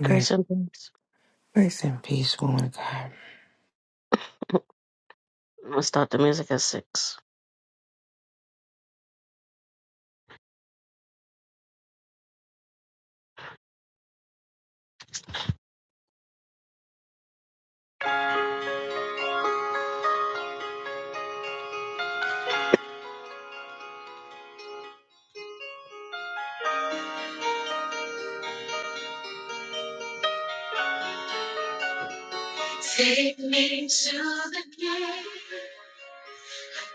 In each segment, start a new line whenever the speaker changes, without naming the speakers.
Rest,
Grace and peace.
rest in peace, woman of God.
I'm gonna start the music at six. Take me to the gate.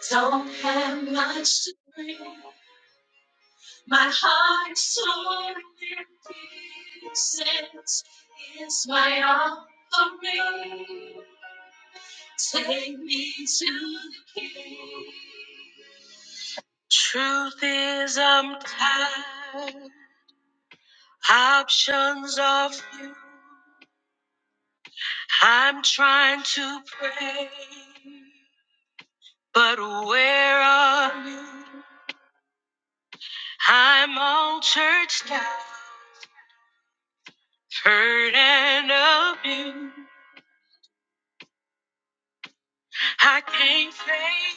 Don't have much to bring. My heart's so empty. Since is my offering. Take me to the gate. Truth is, I'm tired. Options are few. I'm trying to pray. But where are I'm all churched out, hurt and abused. I can't say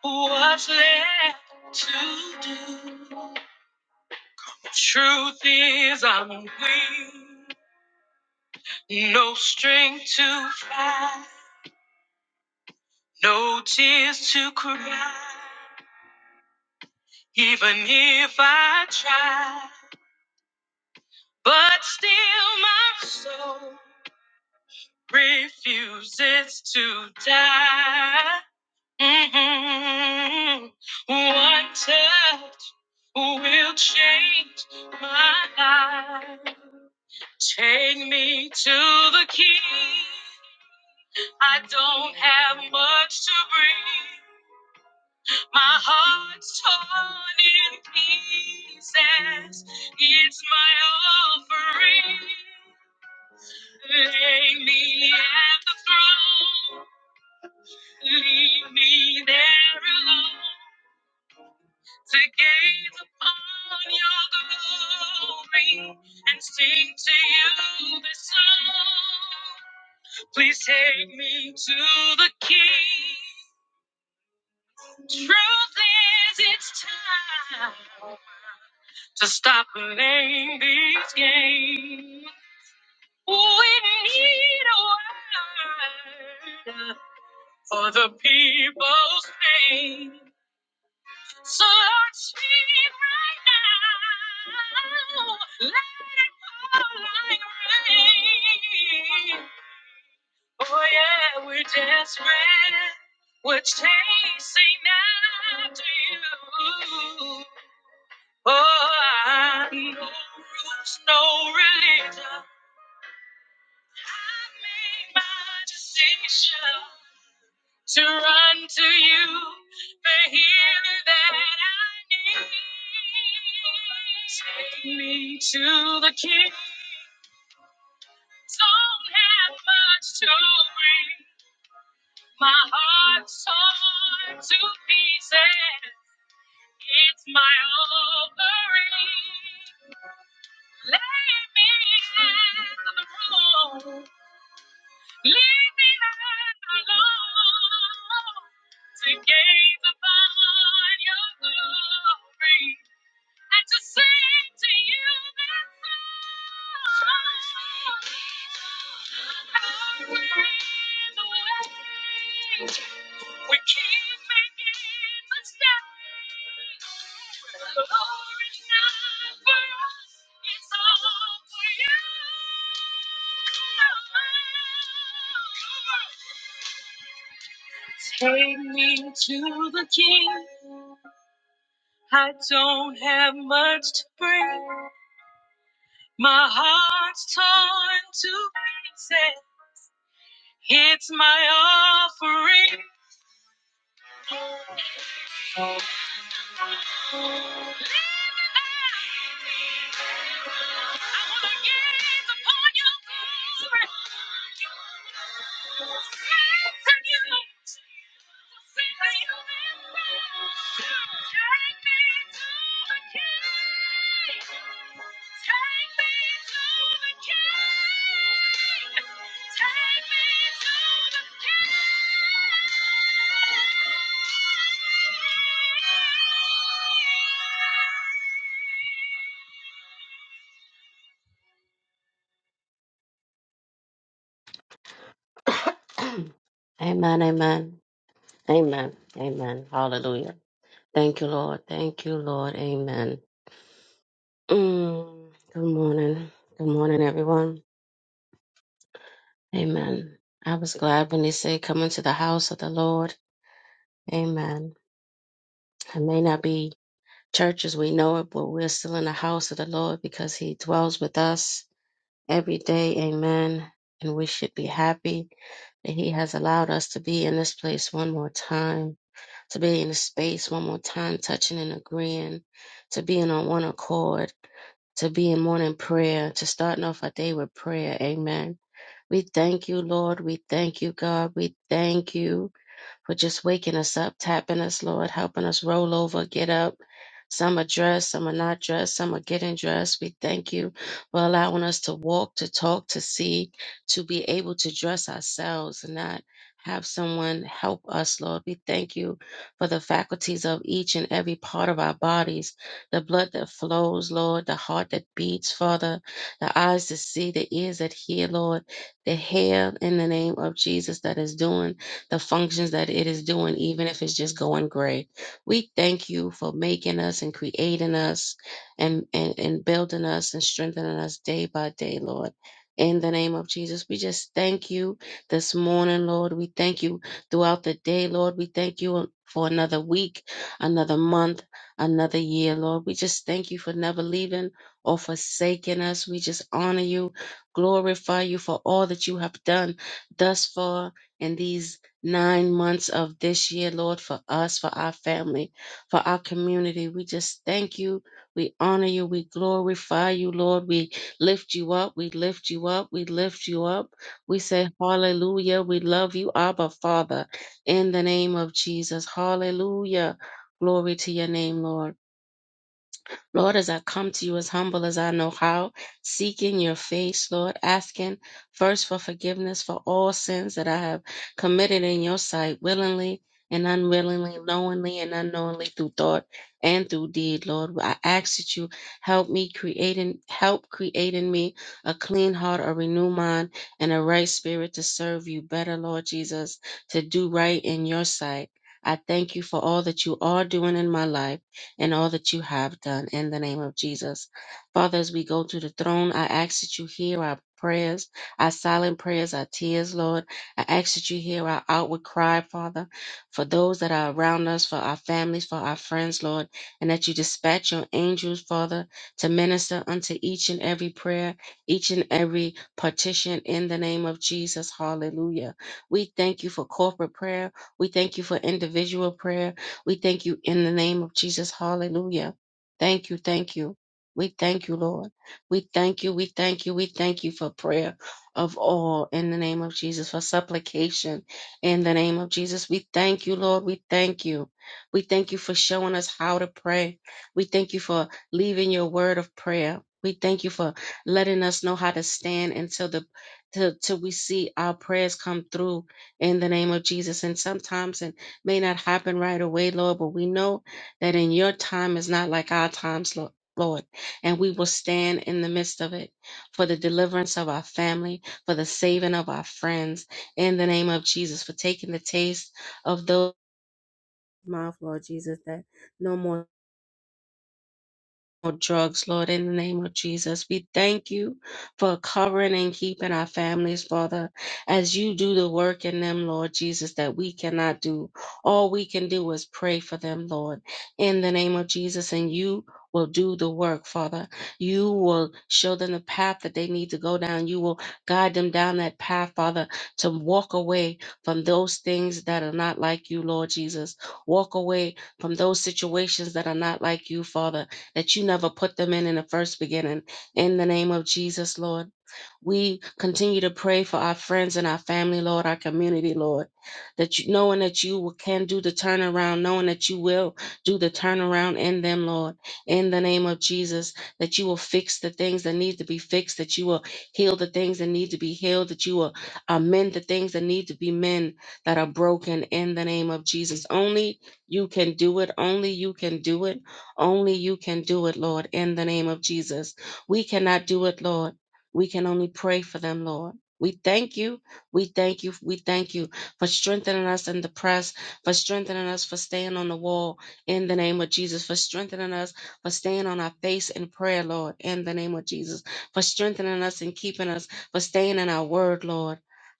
what's left to do. Truth is, I'm weak, no strength to fight, no tears to cry, even if I try. But still, my soul refuses to die. Mm-mm. One touch oh, will change my life. Take me to the king. I don't have much to bring. My heart's torn in pieces. It's my offering. Lay me at the throne. Leave me there alone. to gaze upon your glory and sing to you this song. Please take me to the King. Truth is, it's time to stop playing these games. We need a word for the people's pain. So Lord, speak right now. Let it fall like rain. Oh yeah, we're desperate. We're chasing after you. Oh, I- no rules, no religion. I made my decision to run to you, the healer that I need. Take me to the King. Don't have much to bring. My heart's torn to pieces. It's my offering. Lay me at the room. Leave me not alone to gaze upon your glory and to sing to you this song. Our ways away. We keep making mistakes. The Lord is not for us. It's all for you. Take me to the king. I don't have much to bring. My heart's torn to pieces. It's my offering. I wanna gaze upon your glory. Turn to you. Amen, amen, amen, amen. Hallelujah. Thank you, Lord. Thank you, Lord. Amen. Mm, good morning. Good morning, everyone. Amen. I was glad when they said, Come into the house of the Lord. Amen. It may not be church as we know it, but we're still in the house of the Lord because He dwells with us every day. Amen. And we should be happy that He has allowed us to be in this place one more time, to be in this space one more time, touching and agreeing, to being on one accord, to be in morning prayer, to starting off our day with prayer. Amen. We thank you, Lord. We thank you, God. We thank you. for just waking us up, tapping us, Lord, helping us roll over, get up. Some are dressed, some are not dressed, some are getting dressed. We thank you for allowing us to walk, to talk, to see, to be able to dress ourselves and not have someone help us, Lord. We thank you for the faculties of each and every part of our bodies, the blood that flows, Lord, the heart that beats, Father, the eyes that see, the ears that hear, Lord, the hair in the name of Jesus that is doing the functions that it is doing, even if it's just going gray. We thank you for making us and creating us and, and, and building us and strengthening us day by day, Lord. In the name of Jesus, we just thank you this morning, Lord. We thank you throughout the day, Lord. We thank you for another week, another month, another year, Lord. We just thank you for never leaving or forsaking us. We just honor you, glorify you for all that you have done thus far in these nine months of this year, Lord, for us, for our family, for our community. We just thank you. We honor you. We glorify you, Lord. We lift you up. We lift you up. We lift you up. We say, Hallelujah. We love you, Abba, Father, in the name of Jesus. Hallelujah. Glory to your name, Lord. Lord, as I come to you as humble as I know how, seeking your face, Lord, asking first for forgiveness for all sins that I have committed in your sight willingly and unwillingly, knowingly and unknowingly through thought and through deed, Lord. I ask that you help me create creating help create in me a clean heart, a renewed mind, and a right spirit to serve you better, Lord Jesus, to do right in your sight. I thank you for all that you are doing in my life and all that you have done in the name of Jesus. Father, as we go to the throne, I ask that you hear our prayers, our silent prayers, our tears, Lord. I ask that you hear our outward cry, Father, for those that are around us, for our families, for our friends, Lord, and that you dispatch your angels, Father, to minister unto each and every prayer, each and every partition in the name of Jesus. Hallelujah. We thank you for corporate prayer. We thank you for individual prayer. We thank you in the name of Jesus. Hallelujah. Thank you. Thank you. We thank you, Lord. We thank you. We thank you. We thank you for prayer of all in the name of Jesus, for supplication in the name of Jesus. We thank you, Lord. We thank you. We thank you for showing us how to pray. We thank you for leaving your word of prayer. We thank you for letting us know how to stand until the till, till we see our prayers come through in the name of Jesus. And sometimes in may not happen right away, Lord, but we know that in your time is not like our times, Lo- Lord, and we will stand in the midst of it for the deliverance of our family, for the saving of our friends, in the name of Jesus, for taking the taste of those mouth, Lord Jesus, that no more no drugs, Lord, in the name of Jesus. We thank you for covering and keeping our families, Father, as you do the work in them, Lord Jesus, that we cannot do. All we can do is pray for them, Lord, in the name of Jesus, and you will do the work, Father. You will show them the path that they need to go down. You will guide them down that path, Father, to walk away from those things that are not like you, Lord Jesus. Walk away from those situations that are not like you, Father that you never put them in in the first beginning. In the name of Jesus, Lord. We continue to pray for our friends and our family, Lord, our community, Lord, that you, knowing that you can do the turnaround, knowing that you will do the turnaround in them, Lord, in the name of Jesus, that you will fix the things that need to be fixed, that you will heal the things that need to be healed, that you will amend the things that need to be mend that are broken in the name of Jesus. Only you can do it. Only you can do it. Only you can do it, Lord, in the name of Jesus. We cannot do it, Lord. We can only pray for them, Lord. We thank you. We thank you. We thank you for strengthening us in the press, for strengthening us for staying on the wall in the name of Jesus, for strengthening us for staying on our face in prayer, Lord, in the name of Jesus, for strengthening us and keeping us, for staying in our word, Lord.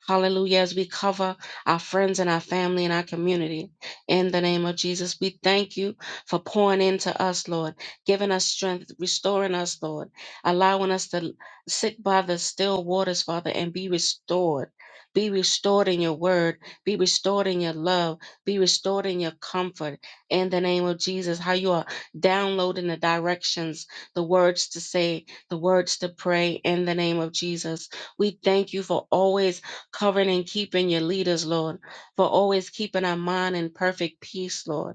Hallelujah. As we cover our friends and our family and our community in the name of Jesus, we thank you for pouring into us, Lord, giving us strength, restoring us, Lord, allowing us to sit by the still waters, Father, and be restored. Be restored in your word. Be restored in your love. Be restored in your comfort. In the name of Jesus, how you are downloading the directions, the words to say, the words to pray in the name of Jesus. We thank you for always covering and keeping your leaders, Lord, for always keeping our mind in perfect peace, Lord.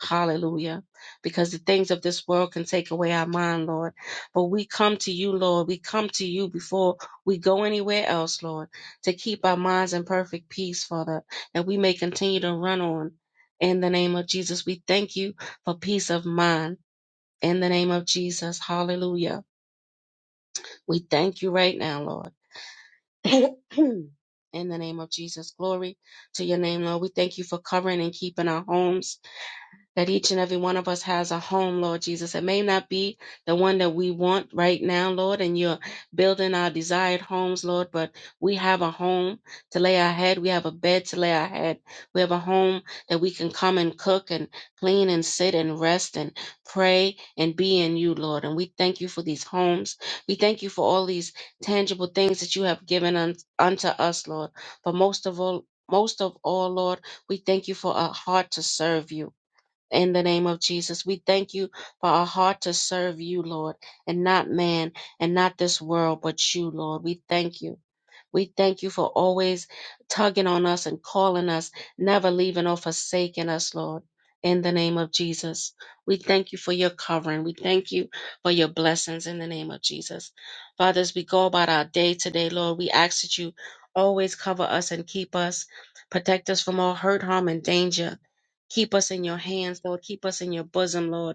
Hallelujah. Because the things of this world can take away our mind, Lord. But we come to you, Lord. We come to you before we go anywhere else, Lord, to keep our minds in perfect peace, Father, that we may continue to run on. In the name of Jesus, we thank you for peace of mind. In the name of Jesus, hallelujah. We thank you right now, Lord. In the name of Jesus, glory to your name, Lord. We thank you for covering and keeping our homes that each and every one of us has a home, Lord Jesus. It may not be the one that we want right now, Lord, and you're building our desired homes, Lord, but we have a home to lay our head. We have a bed to lay our head. We have a home that we can come and cook and clean and sit and rest and pray and be in you, Lord. And we thank you for these homes. We thank you for all these tangible things that you have given un- unto us, Lord. But most of all, most of all, Lord, we thank you for a heart to serve you in the name of Jesus. We thank you for our heart to serve you, Lord, and not man and not this world, but you, Lord. We thank you. We thank you for always tugging on us and calling us, never leaving or forsaking us, Lord. In the name of Jesus, we thank you for your covering. We thank you for your blessings in the name of Jesus. Father, as we go about our day today, Lord, we ask that you always cover us and keep us, protect us from all hurt, harm, and danger. Keep us in your hands, Lord. Keep us in your bosom, Lord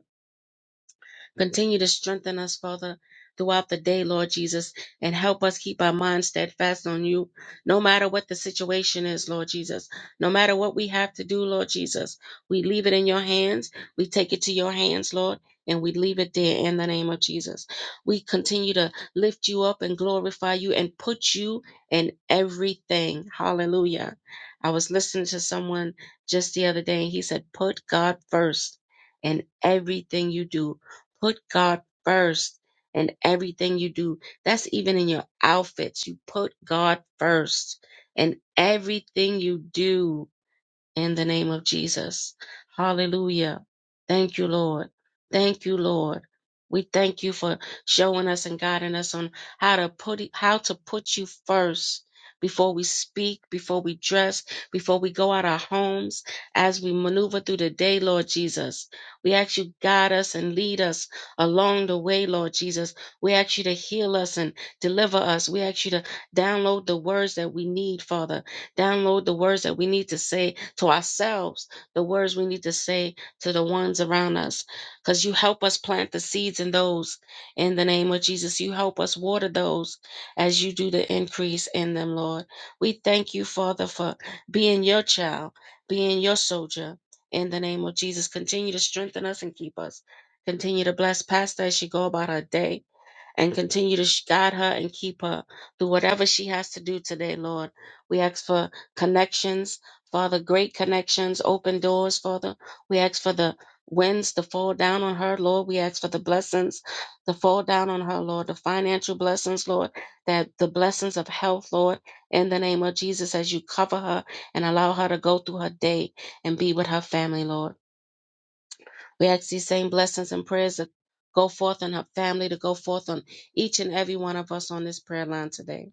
Continue to strengthen us, Father, throughout the day, Lord Jesus, and help us keep our minds steadfast on you, no matter what the situation is, Lord Jesus. No matter what we have to do, Lord Jesus, we leave it in your hands. We take it to your hands, Lord, and we leave it there in the name of Jesus. We continue to lift you up and glorify you and put you in everything. Hallelujah. I was listening to someone just the other day, and he said, Put God first in everything you do Put God first in everything you do. That's even in your outfits. You put God first in everything you do in the name of Jesus. Hallelujah. Thank you, Lord. Thank you, Lord. We thank you for showing us and guiding us on how to put it- how to put you first before we speak, before we dress, before we go out our homes, as we maneuver through the day, Lord Jesus. We ask you guide us and lead us along the way, Lord Jesus. We ask you to heal us and deliver us. We ask you to download the words that we need, Father. Download the words that we need to say to ourselves, the words we need to say to the ones around us, because you help us plant the seeds in those in the name of Jesus. You help us water those as you do the increase in them, Lord. We thank you, Father, for being your child, being your soldier. In the name of Jesus, continue to strengthen us and keep us. Continue to bless Pastor as she go about her day and continue to sh- guide her and keep her through whatever she has to do today, Lord. We ask for connections, Father, great connections, open doors, Father. We ask for the winds to fall down on her, Lord. We ask for the blessings to fall down on her, Lord, the financial blessings, Lord, that the blessings of health, Lord, in the name of Jesus, as you cover her and allow her to go through her day and be with her family, Lord. We ask these same blessings and prayers to go forth on her family, to go forth on each and every one of us on this prayer line today.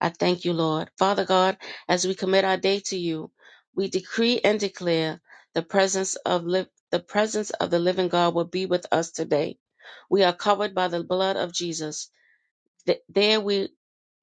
I thank you, Lord. Father God, as we commit our day to you, we decree and declare the presence of liv- the presence of the living God will be with us today. We are covered by the blood of Jesus. Th- There we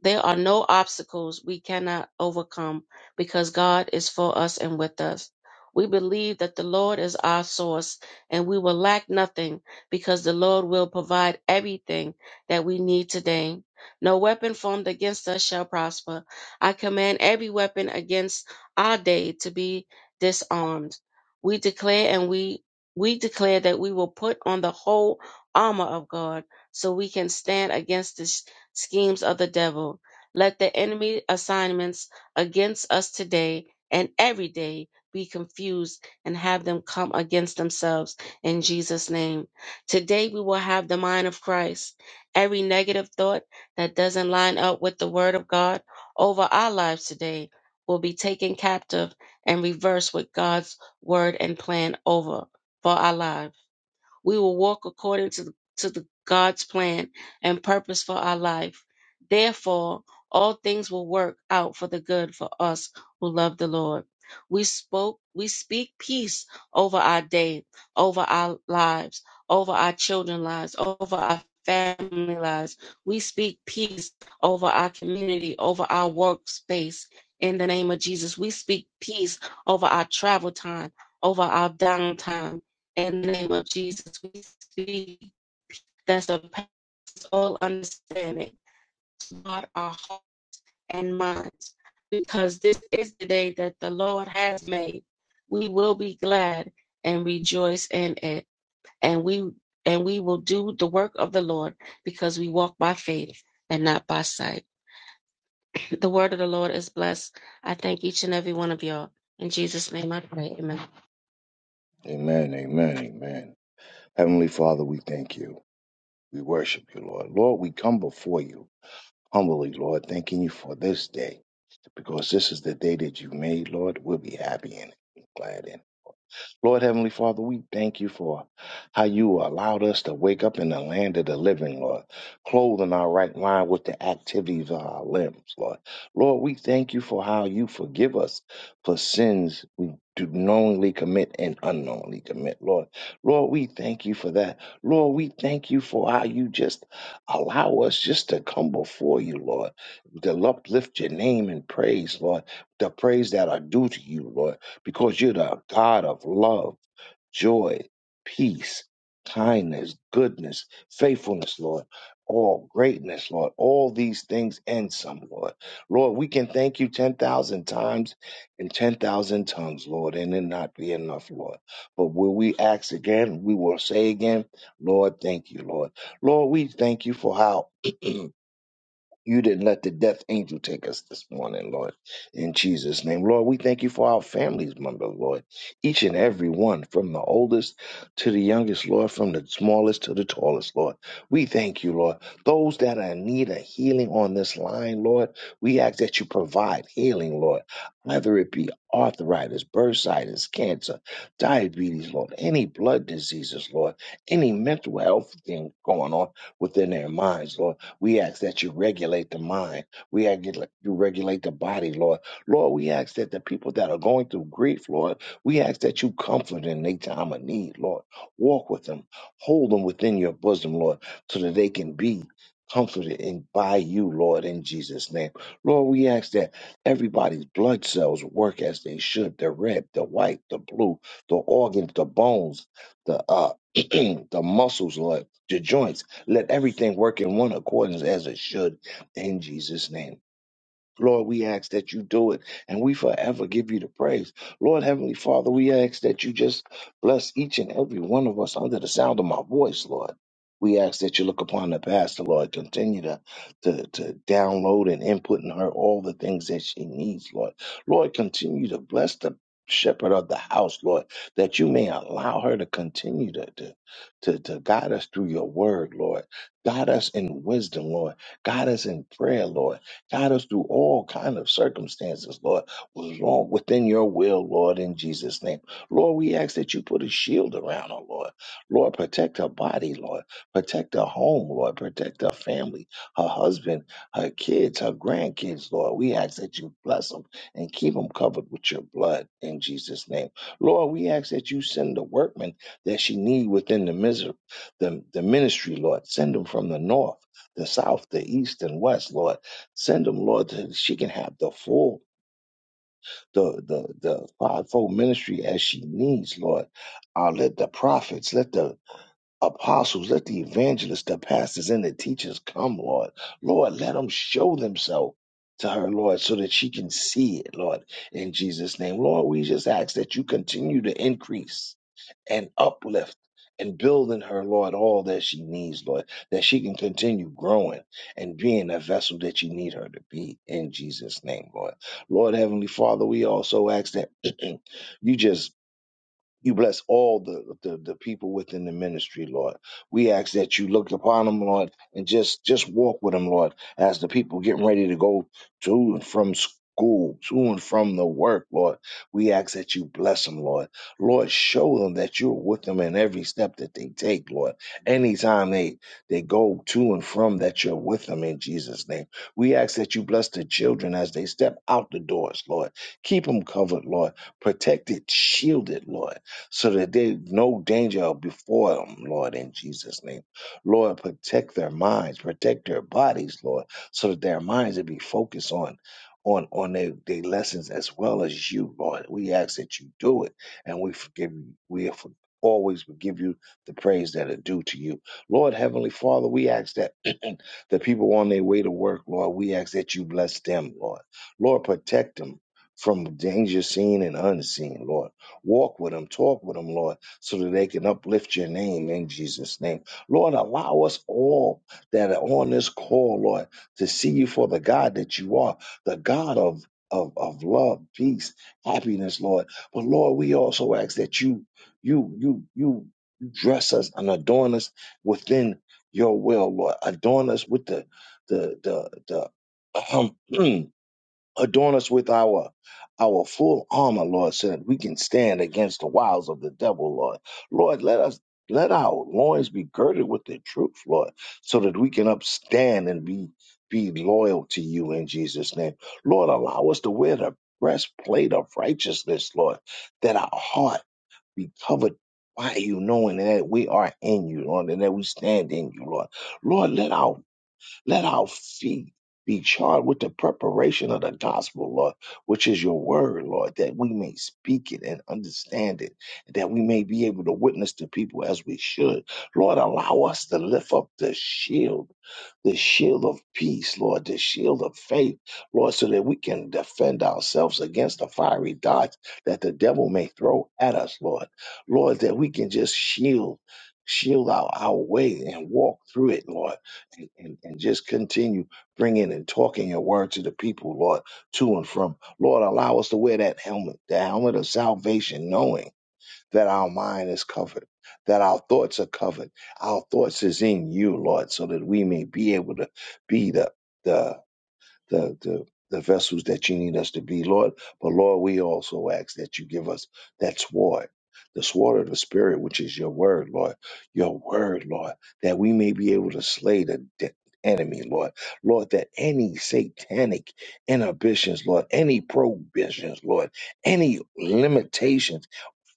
there are no obstacles we cannot overcome because God is for us and with us. We believe that the Lord is our source and we will lack nothing because the Lord will provide everything that we need today. No weapon formed against us shall prosper. I command every weapon against our day to be disarmed. We declare and we we declare that we will put on the whole armor of God so we can stand against this schemes of the devil. Let the enemy assignments against us today and every day be confused and have them come against themselves in Jesus' name. Today we will have the mind of Christ. Every negative thought that doesn't line up with the word of God over our lives today will be taken captive and reversed with God's word and plan over for our lives. We will walk according to, to the God's plan and purpose for our life. Therefore, all things will work out for the good for us who love the Lord. We spoke, we speak peace over our day, over our lives, over our children's lives, over our family lives. We speak peace over our community, over our workspace. In the name of Jesus, we speak peace over our travel time, over our downtime in the name of Jesus, we speak that surpasses all understanding. Guard our heart and minds, because this is the day that the Lord has made. We will be glad and rejoice in it, and we and we will do the work of the Lord, because we walk by faith and not by sight. The word of the Lord is blessed. I thank each and every one of y'all. In Jesus' name I pray. Amen.
Amen, amen, amen. Heavenly Father, we thank you. We worship you, Lord. Lord, we come before you humbly, Lord, thanking you for this day, because this is the day that you made, Lord. We'll be happy in it, glad in it. Lord Heavenly Father, we thank you for how you allowed us to wake up in the land of the living, Lord, Clothing our right mind with the activities of our limbs, Lord. Lord, we thank you for how you forgive us for sins we do knowingly commit and unknowingly commit, Lord. Lord, we thank you for that. Lord, we thank you for how you just allow us just to come before you, Lord, to uplift your name in praise, Lord, the praise that are due to you, Lord because you're the God of love, joy, peace, kindness, goodness, faithfulness, Lord, all greatness, Lord, all these things and some, Lord. Lord, we can thank you 10,000 times in 10,000 tongues, Lord, and it not be enough, Lord. But will we ask again? We will say again, Lord, thank you, Lord. Lord, we thank you for how you didn't let the death angel take us this morning, Lord. In Jesus' name, Lord, we thank you for our families, members, Lord. Lord. Each and every one, from the oldest to the youngest, Lord, from the smallest to the tallest, Lord. We thank you, Lord. Those that are in need of healing on this line, Lord, we ask that you provide healing, Lord. Whether it be arthritis, bursitis, cancer, diabetes, Lord, any blood diseases, Lord, any mental health thing going on within their minds, Lord. We ask that you regulate the mind. We ask that you regulate the body, Lord. Lord, we ask that the people that are going through grief, Lord, we ask that you comfort in their time of need, Lord. Walk with them. Hold them within your bosom, Lord, so that they can be comforted in, by you, Lord, in Jesus' name. Lord, we ask that everybody's blood cells work as they should. The red, the white, the blue, the organs, the bones, the uh the muscles, Lord, the joints. Let everything work in one accordance as it should in Jesus' name. Lord, we ask that you do it and we forever give you the praise. Lord Heavenly Father, we ask that you just bless each and every one of us under the sound of my voice, Lord. We ask that you look upon the pastor, Lord. Continue to, to, to download and input in her all the things that she needs, Lord. Lord, continue to bless the shepherd of the house, Lord, that you may allow her to continue to, to, to, to guide us through your word, Lord. Guide us in wisdom, Lord. Guide us in prayer, Lord Guide us through all kind of circumstances, Lord, was wrong within your will, Lord, in Jesus' name. Lord, we ask that you put a shield around her, Lord. Lord, protect her body, Lord. Protect her home, Lord. Protect her family, her husband, her kids, her grandkids, Lord. We ask that you bless them and keep them covered with your blood in Jesus' name. Lord, we ask that you send the workmen that she need within the, miser- the, the ministry, Lord. Send them from the north, the south, the east, and west, Lord Send them, Lord, that she can have the full, the the the fivefold ministry as she needs, Lord. Uh, let the prophets, let the apostles, let the evangelists, the pastors, and the teachers come, Lord. Lord, let them show themselves to her, Lord, so that she can see it, Lord. In Jesus' name, Lord, we just ask that you continue to increase and uplift and building her, Lord, all that she needs, Lord, that she can continue growing and being a vessel that you need her to be in Jesus' name, Lord. Lord Heavenly Father, we also ask that you just you bless all the, the, the people within the ministry, Lord. We ask that you look upon them, Lord, and just just walk with them, Lord, as the people getting ready to go to and from school, to and from the work, Lord. We ask that you bless them, Lord. Lord, show them that you're with them in every step that they take, Lord. Anytime they they go to and from, that you're with them in Jesus' name. We ask that you bless the children as they step out the doors, Lord. Keep them covered, Lord. Protected, shielded, Lord so that they no danger before them, Lord, in Jesus' name. Lord, protect their minds, protect their bodies, Lord, so that their minds will be focused on on on their, their lessons as well as you, Lord. We ask that you do it and we forgive you. We for, always will give you the praise that are due to you. Lord Heavenly Father, we ask that the people on their way to work, Lord, we ask that you bless them, Lord. Lord, protect them from danger seen and unseen, Lord. Walk with them, talk with them, Lord, so that they can uplift your name in Jesus' name. Lord, allow us all that are on this call, Lord, to see you for the God that you are, the God of, of, of love, peace, happiness, Lord. But Lord, we also ask that you, you, you, you dress us and adorn us within your will, Lord. Adorn us with the the the the adorn us with our our full armor, Lord, so that we can stand against the wiles of the devil, Lord. Lord, let us let our loins be girded with the truth, Lord, so that we can upstand and be be loyal to you in Jesus' name. Lord, allow us to wear the breastplate of righteousness, Lord, that our heart be covered by you, knowing that we are in you, Lord, and that we stand in you, Lord. Lord, let our let our feet be charged with the preparation of the gospel, Lord, which is your word, Lord, that we may speak it and understand it, that we may be able to witness to people as we should. Lord, allow us to lift up the shield, the shield of peace, Lord, the shield of faith, Lord, so that we can defend ourselves against the fiery darts that the devil may throw at us, Lord. Lord, that we can just shield, shield our, our way and walk through it, Lord and, and, and just continue bringing and talking your word to the people, Lord, to and from. Lord, allow us to wear that helmet, the helmet of salvation, knowing that our mind is covered, that our thoughts are covered. Our thoughts is in you, Lord, so that we may be able to be the the the, the, the vessels that you need us to be, Lord. But Lord, we also ask that you give us that sword, the sword of the Spirit, which is your word, Lord. Your word, Lord, that we may be able to slay the de- enemy, Lord. Lord, that any satanic inhibitions, Lord, any prohibitions, Lord, any limitations,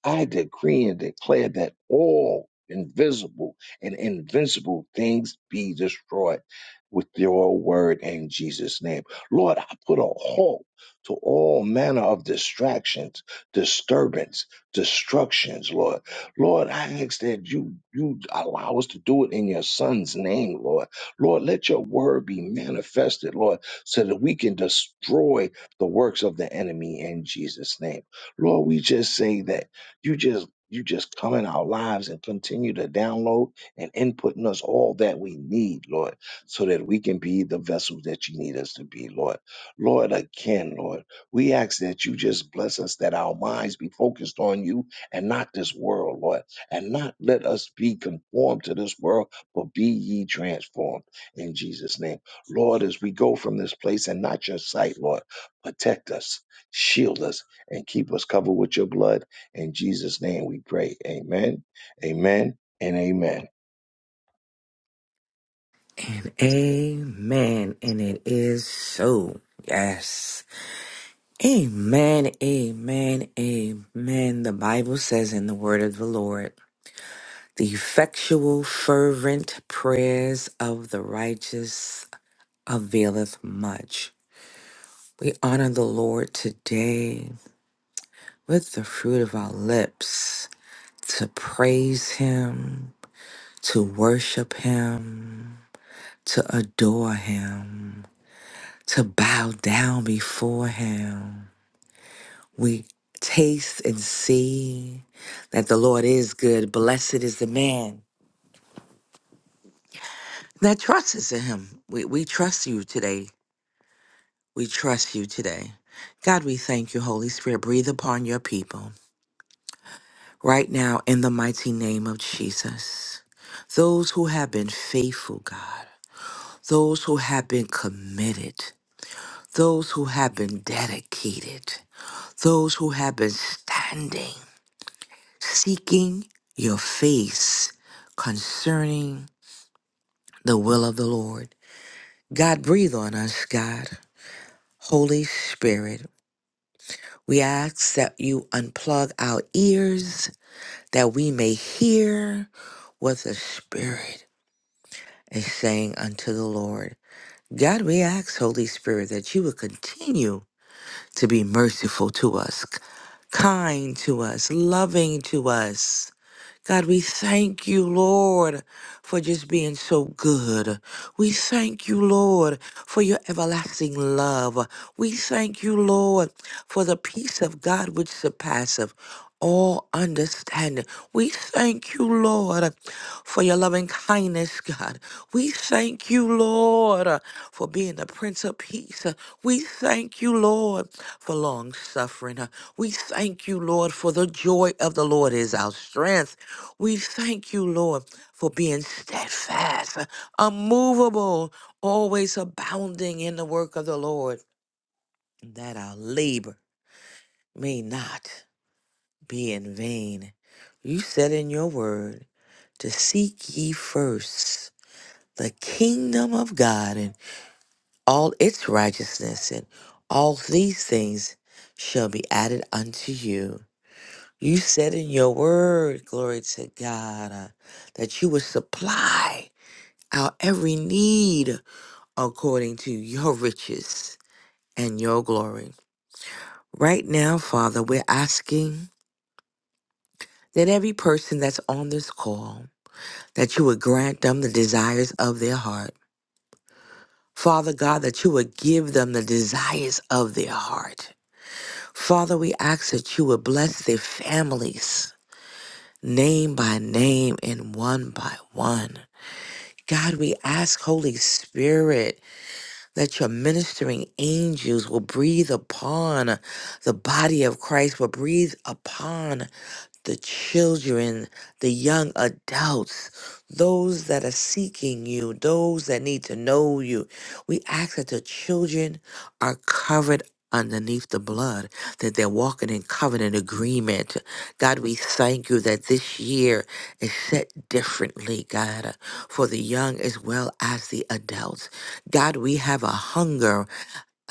I decree and declare that all invisible and invincible things be destroyed with your word in Jesus' name. Lord, I put a halt to all manner of distractions, disturbance, destructions, Lord. Lord, I ask that you you allow us to do it in your son's name, Lord. Lord, let your word be manifested, Lord, so that we can destroy the works of the enemy in Jesus' name. Lord, we just say that. You just you just come in our lives and continue to download and input in us all that we need, Lord, so that we can be the vessels that you need us to be, Lord. Lord, again, Lord, we ask that you just bless us, that our minds be focused on you and not this world, Lord, and not let us be conformed to this world, but be ye transformed in Jesus' name. Lord, as we go from this place and not your sight, Lord, protect us, shield us, and keep us covered with your blood in Jesus' name we pray. Amen. Amen and amen.
And amen. And it is so. Yes. Amen. Amen. Amen. The Bible says in the word of the Lord, the effectual, fervent prayers of the righteous availeth much. We honor the Lord today with the fruit of our lips to praise Him, to worship Him, to adore Him. to bow down before him. We taste and see that the Lord is good. Blessed is the man that trusts in him. We, we trust you today. We trust you today. God, we thank you, Holy Spirit. Breathe upon your people right now in the mighty name of Jesus. Those who have been faithful, God, those who have been committed, those who have been dedicated, those who have been standing seeking your face concerning the will of the Lord. God, breathe on us, God. Holy Spirit, we ask that you unplug our ears that we may hear what the Spirit is saying unto the Lord. God, we ask, Holy Spirit, that you would continue to be merciful to us, kind to us, loving to us God, we thank you, Lord, for just being so good. We thank you, Lord, for your everlasting love. We thank you, Lord, for the peace of God which surpasseth all understanding. We thank you, Lord, for your loving kindness God. We thank you, Lord, uh, for being the Prince of Peace. Uh, We thank you, Lord, for long suffering. Uh, We thank you, Lord, for the joy of the Lord is our strength. We thank you, Lord, for being steadfast, uh, unmovable, always abounding in the work of the Lord, that our labor may not be in vain. You said in your word to seek ye first the kingdom of God and all its righteousness and all these things shall be added unto you. You said in your word, glory to God, uh, that you would supply our every need according to your riches and your glory. Right now, Father, we're asking that every person that's on this call, that you would grant them the desires of their heart Father God, that you would give them the desires of their heart. Father, we ask that you would bless their families, name by name and one by one. God, we ask, Holy Spirit, that your ministering angels will breathe upon the body of Christ, will breathe upon the children, the young adults, those that are seeking you, those that need to know you. We ask that the children are covered underneath the blood, that they're walking in covenant agreement. God, we thank you that this year is set differently, God, for the young as well as the adults. God, we have a hunger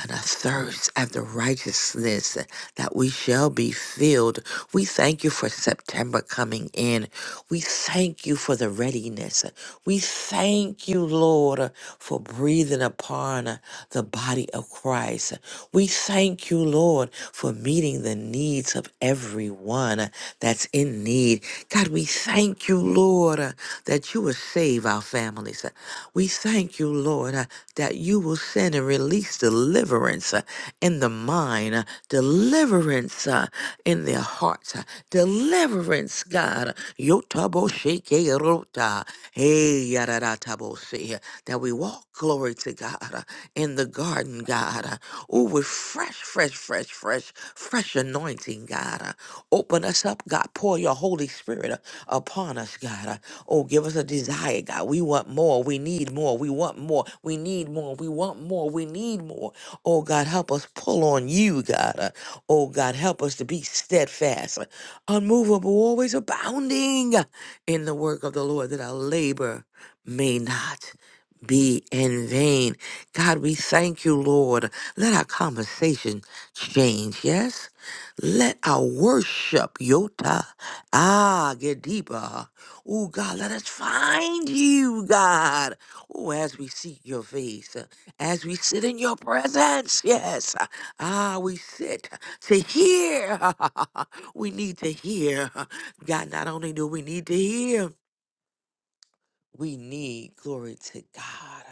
and a thirst after righteousness that we shall be filled. We thank you for September coming in. We thank you for the readiness. We thank you, Lord, for breathing upon the body of Christ. We thank you, Lord, for meeting the needs of everyone that's in need. God, we thank you, Lord, uh, that you will save our families. We thank you, Lord, uh, that you will send and release deliverance uh, in the mind, uh, deliverance uh, in their hearts, uh, deliverance, God. Yotabo sheke rota. Hey, yadada tabo see, uh, That we walk, glory to God. uh, in the garden, God. Uh, Oh, with fresh, fresh, fresh, fresh, fresh anointing, God. Uh, Open us up, God. Pour your Holy Spirit uh, upon us, God. Uh, Oh, give us a desire, God. We want more. We need more. We want more. We need more. We want more. We need more. Oh, God, help us pull on you, God. Uh, Oh, God, help us to be steadfast, uh, unmovable, always abounding uh, in the work of the Lord, that our labor may not be in vain. God, we thank you, Lord. Let our conversation change, yes? Let our worship, Yota, ah, get deeper. Oh, God, let us find you, God. Oh, as we seek your face, uh, as we sit in your presence, yes. Ah, we sit to hear. we need to hear. God, not only do we need to hear, we need, glory to God,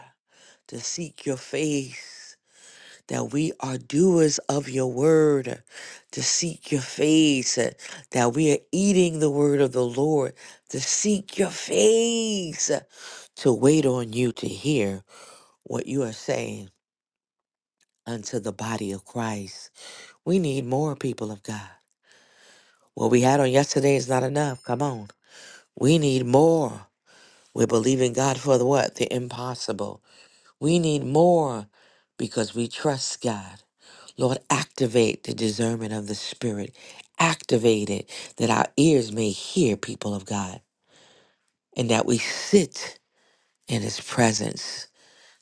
to seek your face that we are doers of your word, to seek your face, uh, that we are eating the word of the Lord, to seek your face, uh, to wait on you to hear what you are saying unto the body of Christ. We need more people of God. What we had on yesterday is not enough. Come on. We need more. We're believing God for the what? The impossible. We need more because we trust God. Lord, activate the discernment of the Spirit. Activate it that our ears may hear, people of God, and that we sit in His presence.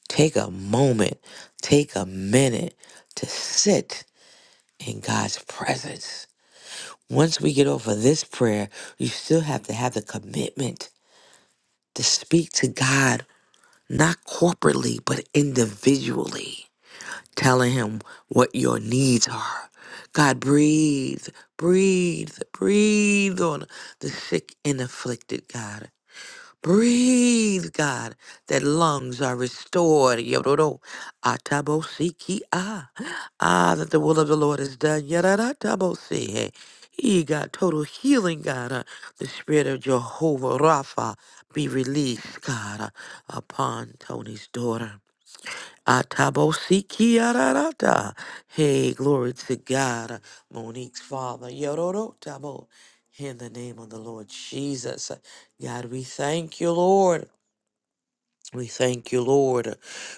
Take a moment, take a minute to sit in God's presence. Once we get over this prayer, you still have to have the commitment to speak to God, not corporately, but individually telling him what your needs are. God, breathe, breathe, breathe on the sick and afflicted, God. Breathe, God, that lungs are restored. Yororo, atabosiki, ah, ah, that the will of the Lord is done. Yararatabosi, eh. He got total healing, God. Uh, The spirit of Jehovah Rapha be released, God, uh, upon Tony's daughter. Atabosikiararata. Hey, glory to God. Monique's father, Yororo Tabo. In the name of the Lord Jesus. God, we thank you, Lord. We thank you, Lord.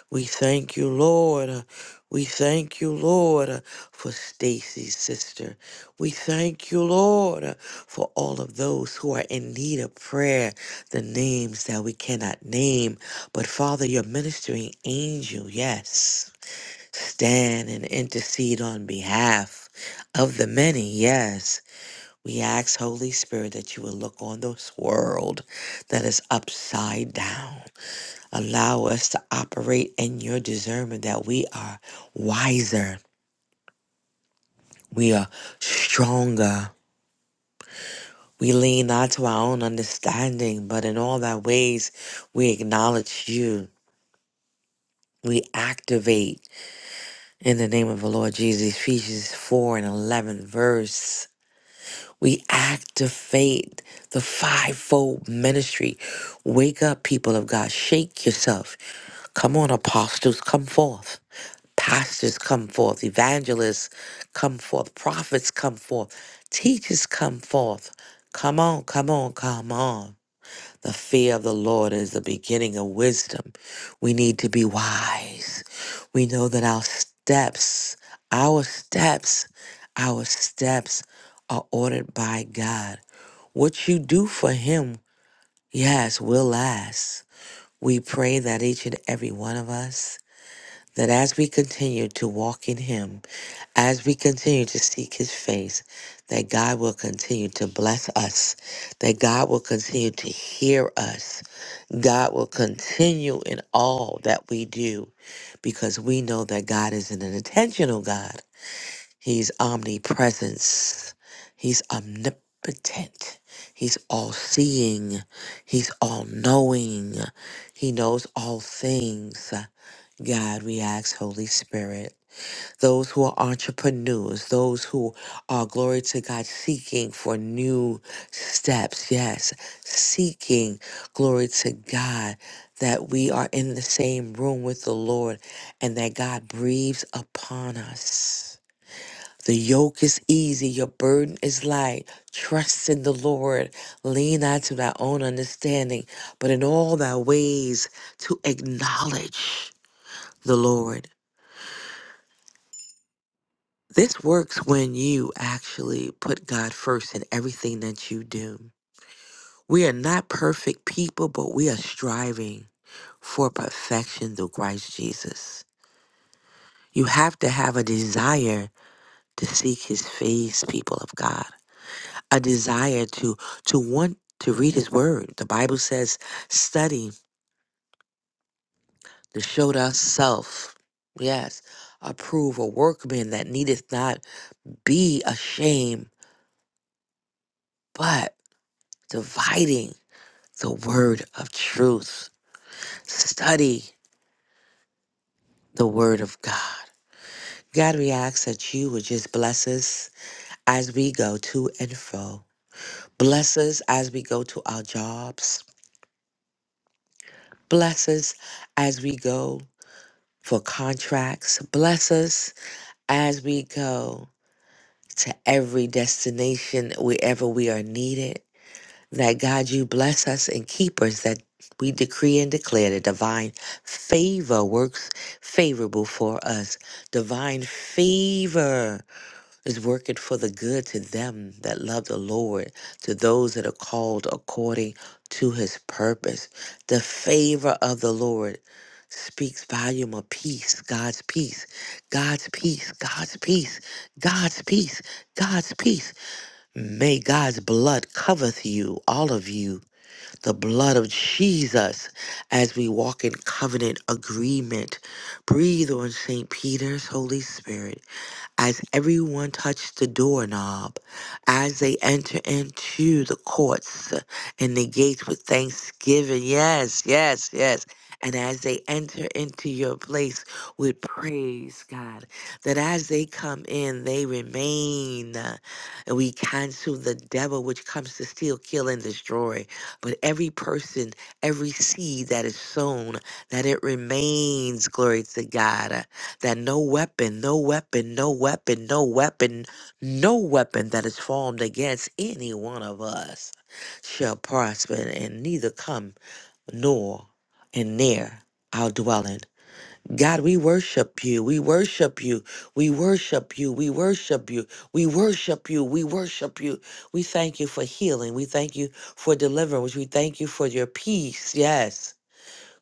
We thank you, Lord. We thank you, Lord, for Stacy's sister. We thank you, Lord, for all of those who are in need of prayer, the names that we cannot name. But Father, your ministering angel, yes stand and intercede on behalf of the many. Yes, we ask, Holy Spirit, that you will look on this world that is upside down. Allow us to operate in your discernment that we are wiser, we are stronger. We lean not to our own understanding, but in all thy ways we acknowledge you. We activate in the name of the Lord Jesus, Ephesians 4 and 11 verse. We activate the fivefold ministry. Wake up, people of God. Shake yourself. Come on, apostles, come forth. Pastors, come forth. Evangelists, come forth. Prophets, come forth. Teachers, come forth. Come on, come on, come on. The fear of the Lord is the beginning of wisdom. We need to be wise. We know that our steps, our steps, our steps are ordered by God. What you do for him, yes, will last. We pray that each and every one of us, that as we continue to walk in him, as we continue to seek his face, that God will continue to bless us, that God will continue to hear us, God will continue in all that we do, because we know that God is an intentional God. He's omnipresence. He's omnipotent. He's all seeing. He's all knowing. He knows all things. God, we ask, Holy Spirit, those who are entrepreneurs, those who are, glory to God, seeking for new steps. Yes, seeking, glory to God, that we are in the same room with the Lord and that God breathes upon us. The yoke is easy, your burden is light. Trust in the Lord. Lean not to thy own understanding, but in all thy ways to acknowledge the Lord. This works when you actually put God first in everything that you do. We are not perfect people, but we are striving for perfection through Christ Jesus. You have to have a desire to seek his face, people of God. a desire to to want to read his word. The Bible says, study to show thyself. Yes, approve a workman that needeth not be ashamed, but dividing the word of truth. Study the word of God. God, we ask that you would just bless us as we go to and fro. Bless us as we go to our jobs. Bless us as we go for contracts. Bless us as we go to every destination, wherever we are needed, that God, you bless us and keep us, that we decree and declare that divine favor works favorable for us. Divine favor is working for the good to them that love the Lord, to those that are called according to his purpose. The favor of the Lord speaks volume of peace, God's peace, God's peace, God's peace, God's peace, God's peace. May God's blood coveth you, all of you, the blood of Jesus, as we walk in covenant agreement. Breathe on St. Peter's Holy Spirit as everyone touched the doorknob, as they enter into the courts and the gates with thanksgiving. Yes, yes, yes. And as they enter into your place with praise, God, that as they come in, they remain. And we cancel the devil which comes to steal, kill, and destroy. But every person, every seed that is sown, that it remains, glory to God that no weapon, no weapon, no weapon, no weapon, no weapon that is formed against any one of us shall prosper, and neither come nor and near our dwelling. God, we worship you. We worship you. We worship you. We worship you. We worship you. We worship you. We thank you for healing. We thank you for deliverance. We thank you for your peace. Yes.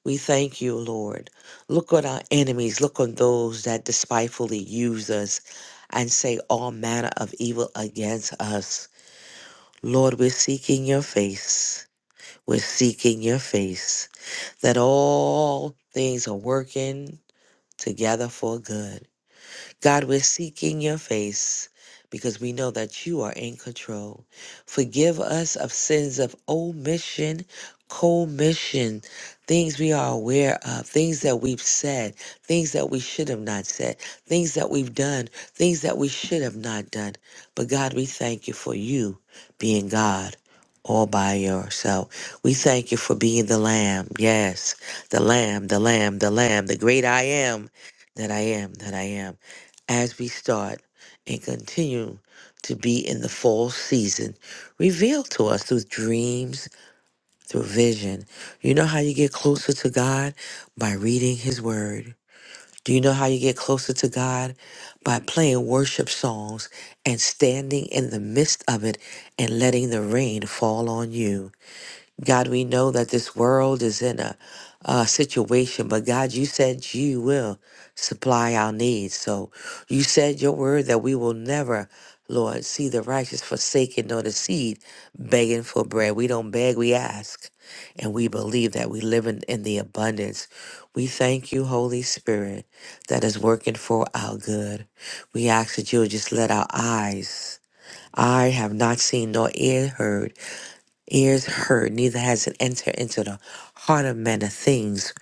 We thank you, Lord. Look on our enemies. Look on those that despitefully use us and say all manner of evil against us. Lord, we're seeking your face. We're seeking your face. That all things are working together for good God, we're seeking your face because we know that you are in control. Forgive us of sins of omission, commission, things we are aware of, things that we've said, things that we should have not said, things that we've done, things that we should have not done. But God, we thank you for you being God all by yourself. We thank you for being the Lamb. Yes, the Lamb, the Lamb, the Lamb, the great I am that I am, that I am as we start and continue to be in the fall season revealed to us through dreams, through vision. You know how you get closer to God? By reading His Word. Do you know how you get closer to God? By playing worship songs and standing in the midst of it and letting the rain fall on you. God, we know that this world is in a, a situation, but God, you said you will supply our needs. So you said your word that we will never, Lord, see the righteous forsaken nor the seed begging for bread. We don't beg, we ask. And we believe that we live in, in the abundance. We thank you, Holy Spirit, that is working for our good. We ask that you'll just let our eyes, I have not seen nor ear heard ears heard, neither has it entered into the heart of men the things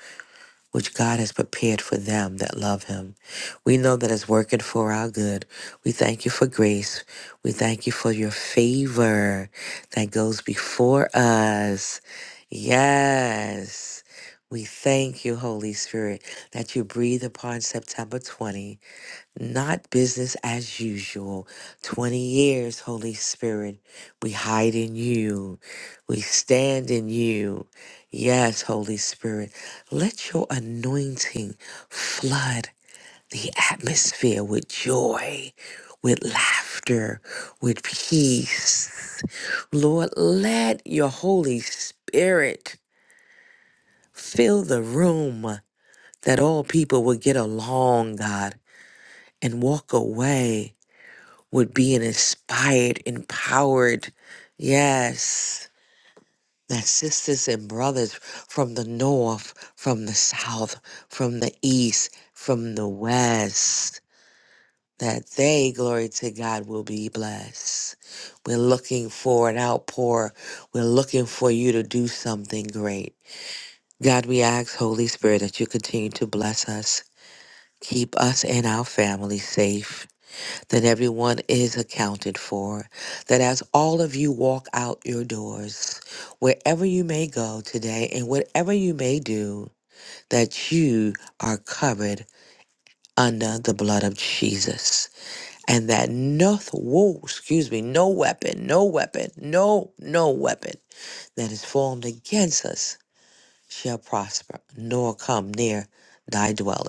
which God has prepared for them that love him. We know that it's working for our good. We thank you for grace. We thank you for your favor that goes before us. Yes. We thank you, Holy Spirit, that you breathe upon September 20 not business as usual. 20 years, Holy Spirit, we hide in you. We stand in you. Yes, Holy Spirit, let your anointing flood the atmosphere with joy, with laughter, with peace. Lord, let your Holy Spirit fill the room that all people will get along, God, and walk away would be an inspired, empowered, yes, that sisters and brothers from the north, from the south, from the east, from the west, that they, glory to God, will be blessed. We're looking for an outpour. We're looking for you to do something great. God, we ask, Holy Spirit, that you continue to bless us, keep us and our families safe. that everyone is accounted for, that as all of you walk out your doors, wherever you may go today and whatever you may do, that you are covered under the blood of Jesus. And that no, whoa, excuse me, no weapon, no weapon, no, no weapon that is formed against us shall prosper, nor come near thy dwelling.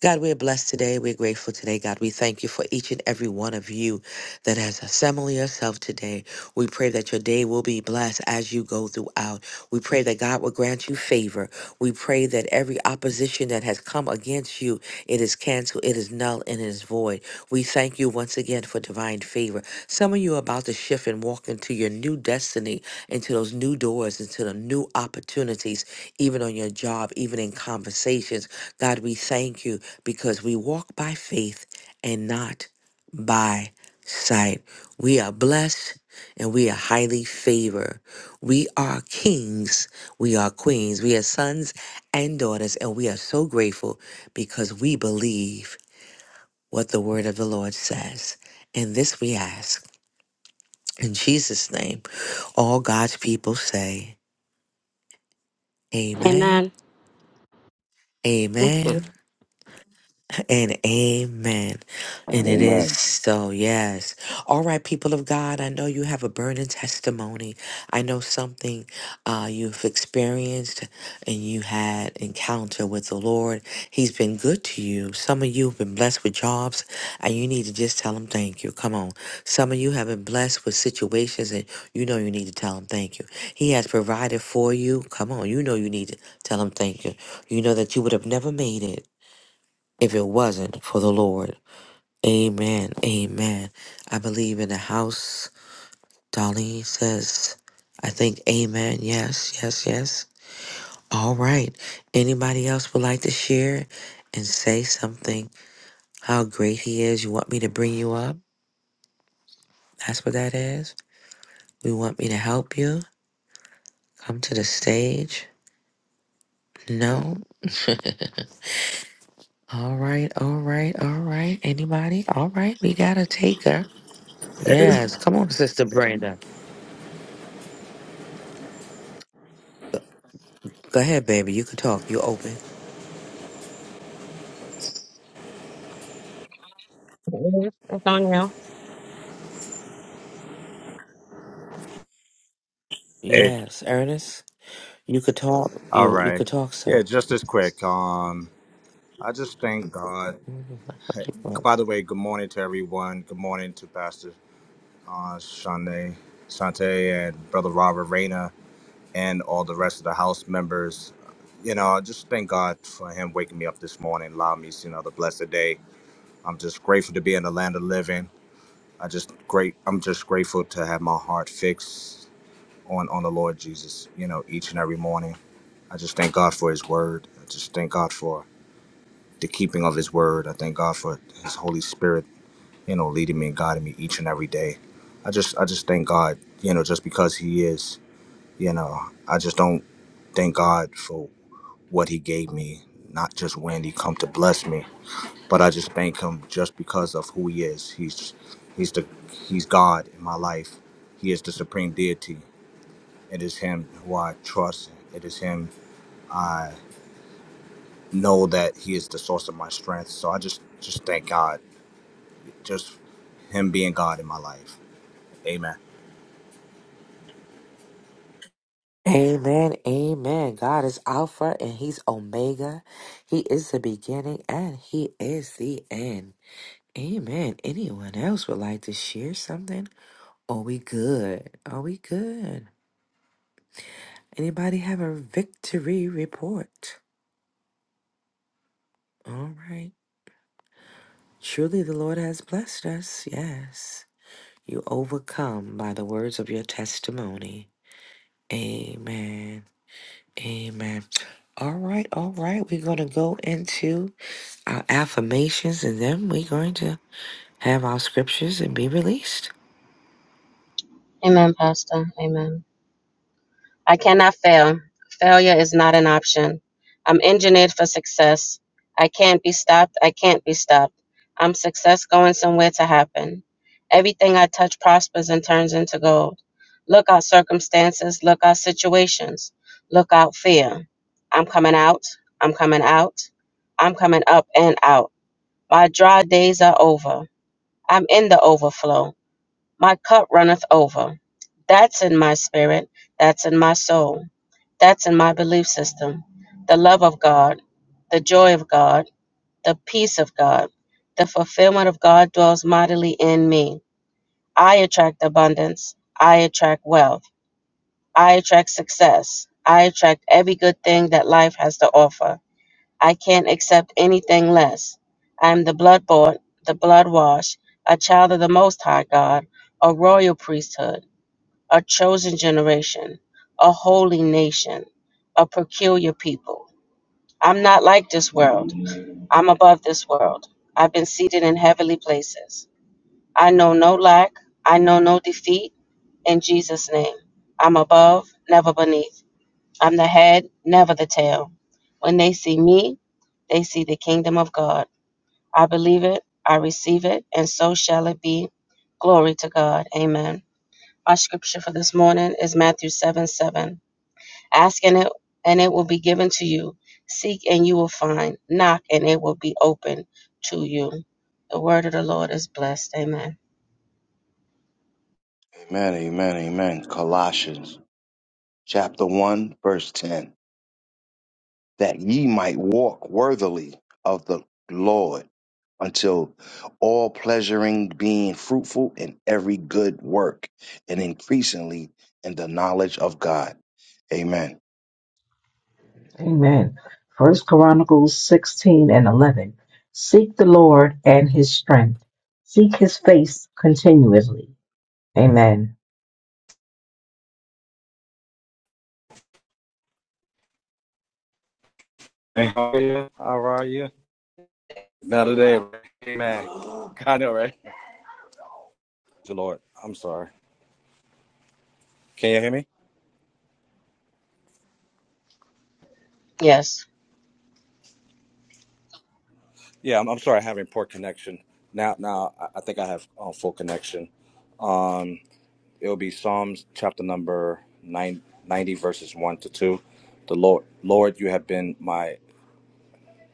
God, we're blessed today. We're grateful today. God, we thank you for each and every one of you that has assembled yourself today. We pray that your day will be blessed as you go throughout. We pray that God will grant you favor. We pray that every opposition that has come against you it is canceled. It is null and it is void. We thank you once again for divine favor. Some of you are about to shift and walk into your new destiny, into those new doors, into the new opportunities, even on your job, even in conversations. God, we thank you because we walk by faith and not by sight. We are blessed and we are highly favored. We are kings, we are queens, we are sons and daughters, and we are so grateful because we believe what the word of the Lord says. And this we ask in Jesus' name. All God's people say, Amen,
Amen. Mhm.
Amen, and amen. And it is
Amen.
so, yes. All right, people of God, I know you have a burning testimony. I know something uh, you've experienced and you had encounter with the Lord. He's been good to you. Some of you have been blessed with jobs and you need to just tell him thank you. Come on. Some of you have been blessed with situations and you know you need to tell him thank you. He has provided for you. Come on. You know you need to tell him thank you. You know that you would have never made it if it wasn't for the Lord. Amen. Amen. I believe in the house. Darlene says, I think amen. Yes, yes, yes. All right. Anybody else would like to share and say something? How great he is. You want me to bring you up? That's what that is. You want me to help you? Come to the stage? No. all right, all right, all right. Anybody? All right, we got to take her.
Hey,
Yes, come on, Sister Brenda. Go ahead, baby. You could talk. You open.
hey.
Yes, Ernest. You could talk.
All
You you
right.
could talk,
Yeah,
sir.
just as quick. Um, I just thank God.
Mhm.
By the way, good morning to everyone. Good morning to Pastor uh, Shante, Shante, and Brother Robert Reyna, and all the rest of the house members. You know, I just thank God for him waking me up this morning, allowing me to see another blessed day. I'm just grateful to be in the land of living. I just great. I'm just grateful to have my heart fixed on on the Lord Jesus. You know, each and every morning. I just thank God for His Word. I just thank God for the keeping of His Word. I thank God for His Holy Spirit, you know, leading me and guiding me each and every day. I just, I just thank God, you know, just because He is, you know, I just don't thank God for what He gave me, not just when He come to bless me, but I just thank Him just because of who He is. He's, He's the, He's God in my life. He is the supreme deity. It is Him who I trust. It is Him I. know that he is the source of my strength. So I just just thank God, just him being God in my life. Amen.
Amen. Amen. God is Alpha and He's Omega. He is the beginning and He is the end. Amen. Anyone else would like to share something? Are we good? Are we good? Anybody have a victory report? All right. Truly the Lord has blessed us. Yes. You overcome by the words of your testimony. Amen. Amen. All right, all right. We're going to go into our affirmations and then we're going to have our scriptures and be released.
Amen, Pastor. Amen. I cannot fail. Failure is not an option. I'm engineered for success. I can't be stopped. I can't be stopped. I'm success going somewhere to happen. Everything I touch prospers and turns into gold. Look out circumstances, look out situations, look out fear. I'm coming out. I'm coming out. I'm coming up and out. My dry days are over. I'm in the overflow. My cup runneth over. That's in my spirit. That's in my soul. That's in my belief system. The love of God, the joy of God, the peace of God, the fulfillment of God dwells mightily in me. I attract abundance. I attract wealth. I attract success. I attract every good thing that life has to offer. I can't accept anything less. I am the blood bought, the blood washed, a child of the Most High God, a royal priesthood a chosen generation, a holy nation, a peculiar people. I'm not like this world. I'm above this world. I've been seated in heavenly places. I know no lack. I know no defeat. In Jesus' name, I'm above, never beneath. I'm the head, never the tail. When they see me, they see the kingdom of God. I believe it, I receive it, and so shall it be. Glory to God. Amen. Our scripture for this morning is Matthew 7 7. Ask and it and it will be given to you. Seek and you will find. Knock and it will be open to you. The word of the Lord is blessed. Amen.
Amen. Amen. Amen. Colossians chapter 1, verse 10. That ye might walk worthily of the Lord until all pleasuring being fruitful in every good work and increasingly in the knowledge of God. Amen.
Amen. First Chronicles 16 and 11. Seek the Lord and his strength. Seek his face continually. Amen.
Hey, How are you? How are you? Not today. Amen. I know, right? The Lord. I'm sorry. Can you hear me?
Yes.
Yeah, I'm, I'm sorry. I have a poor connection. Now, now I I think I have uh, full connection. It'll be Psalms chapter number nine, 90, verses one to two. The Lord, Lord, you have been my,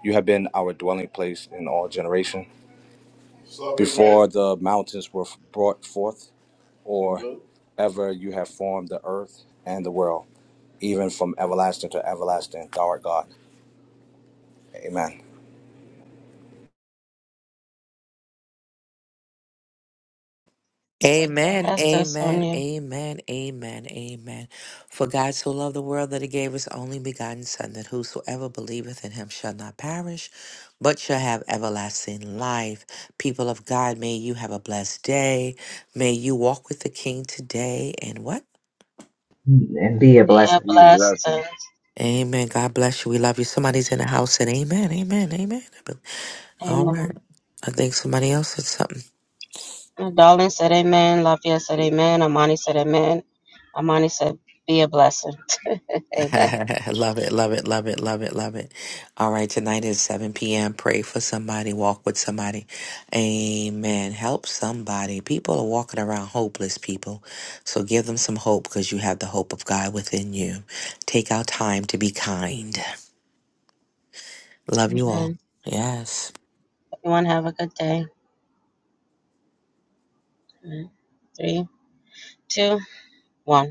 you have been our dwelling place in all generation. before the mountains were brought forth, or ever you have formed the earth and the world, even from everlasting to everlasting, thou art God. Amen.
Amen,
Pastor, it's on
amen,
you.
amen, amen, amen. For God so loved the world that he gave his only begotten Son, that whosoever believeth in him shall not perish, but shall have everlasting life. People of God, may you have a blessed day. May you walk with the King today. And what?
And be a
Yeah,
blessing.
Be a
blessed.
blessing.
Amen. God bless you. We love you. Somebody's in the house and amen, amen, amen.
and
All
amen.
right. I think somebody else said something.
My darling said amen. Lafayette said amen. Amani said amen. Amani said be a blessing. amen.
love it, love it, love it, love it, love it. All right, tonight is 7 p.m. Pray for somebody, walk with somebody. Amen. Help somebody. People are walking around hopeless, people. So give them some hope because you have the hope of God within you. Take our time to be kind. Love you all.
Amen.
Yes.
Everyone have a good day. Amen. Three, two, one.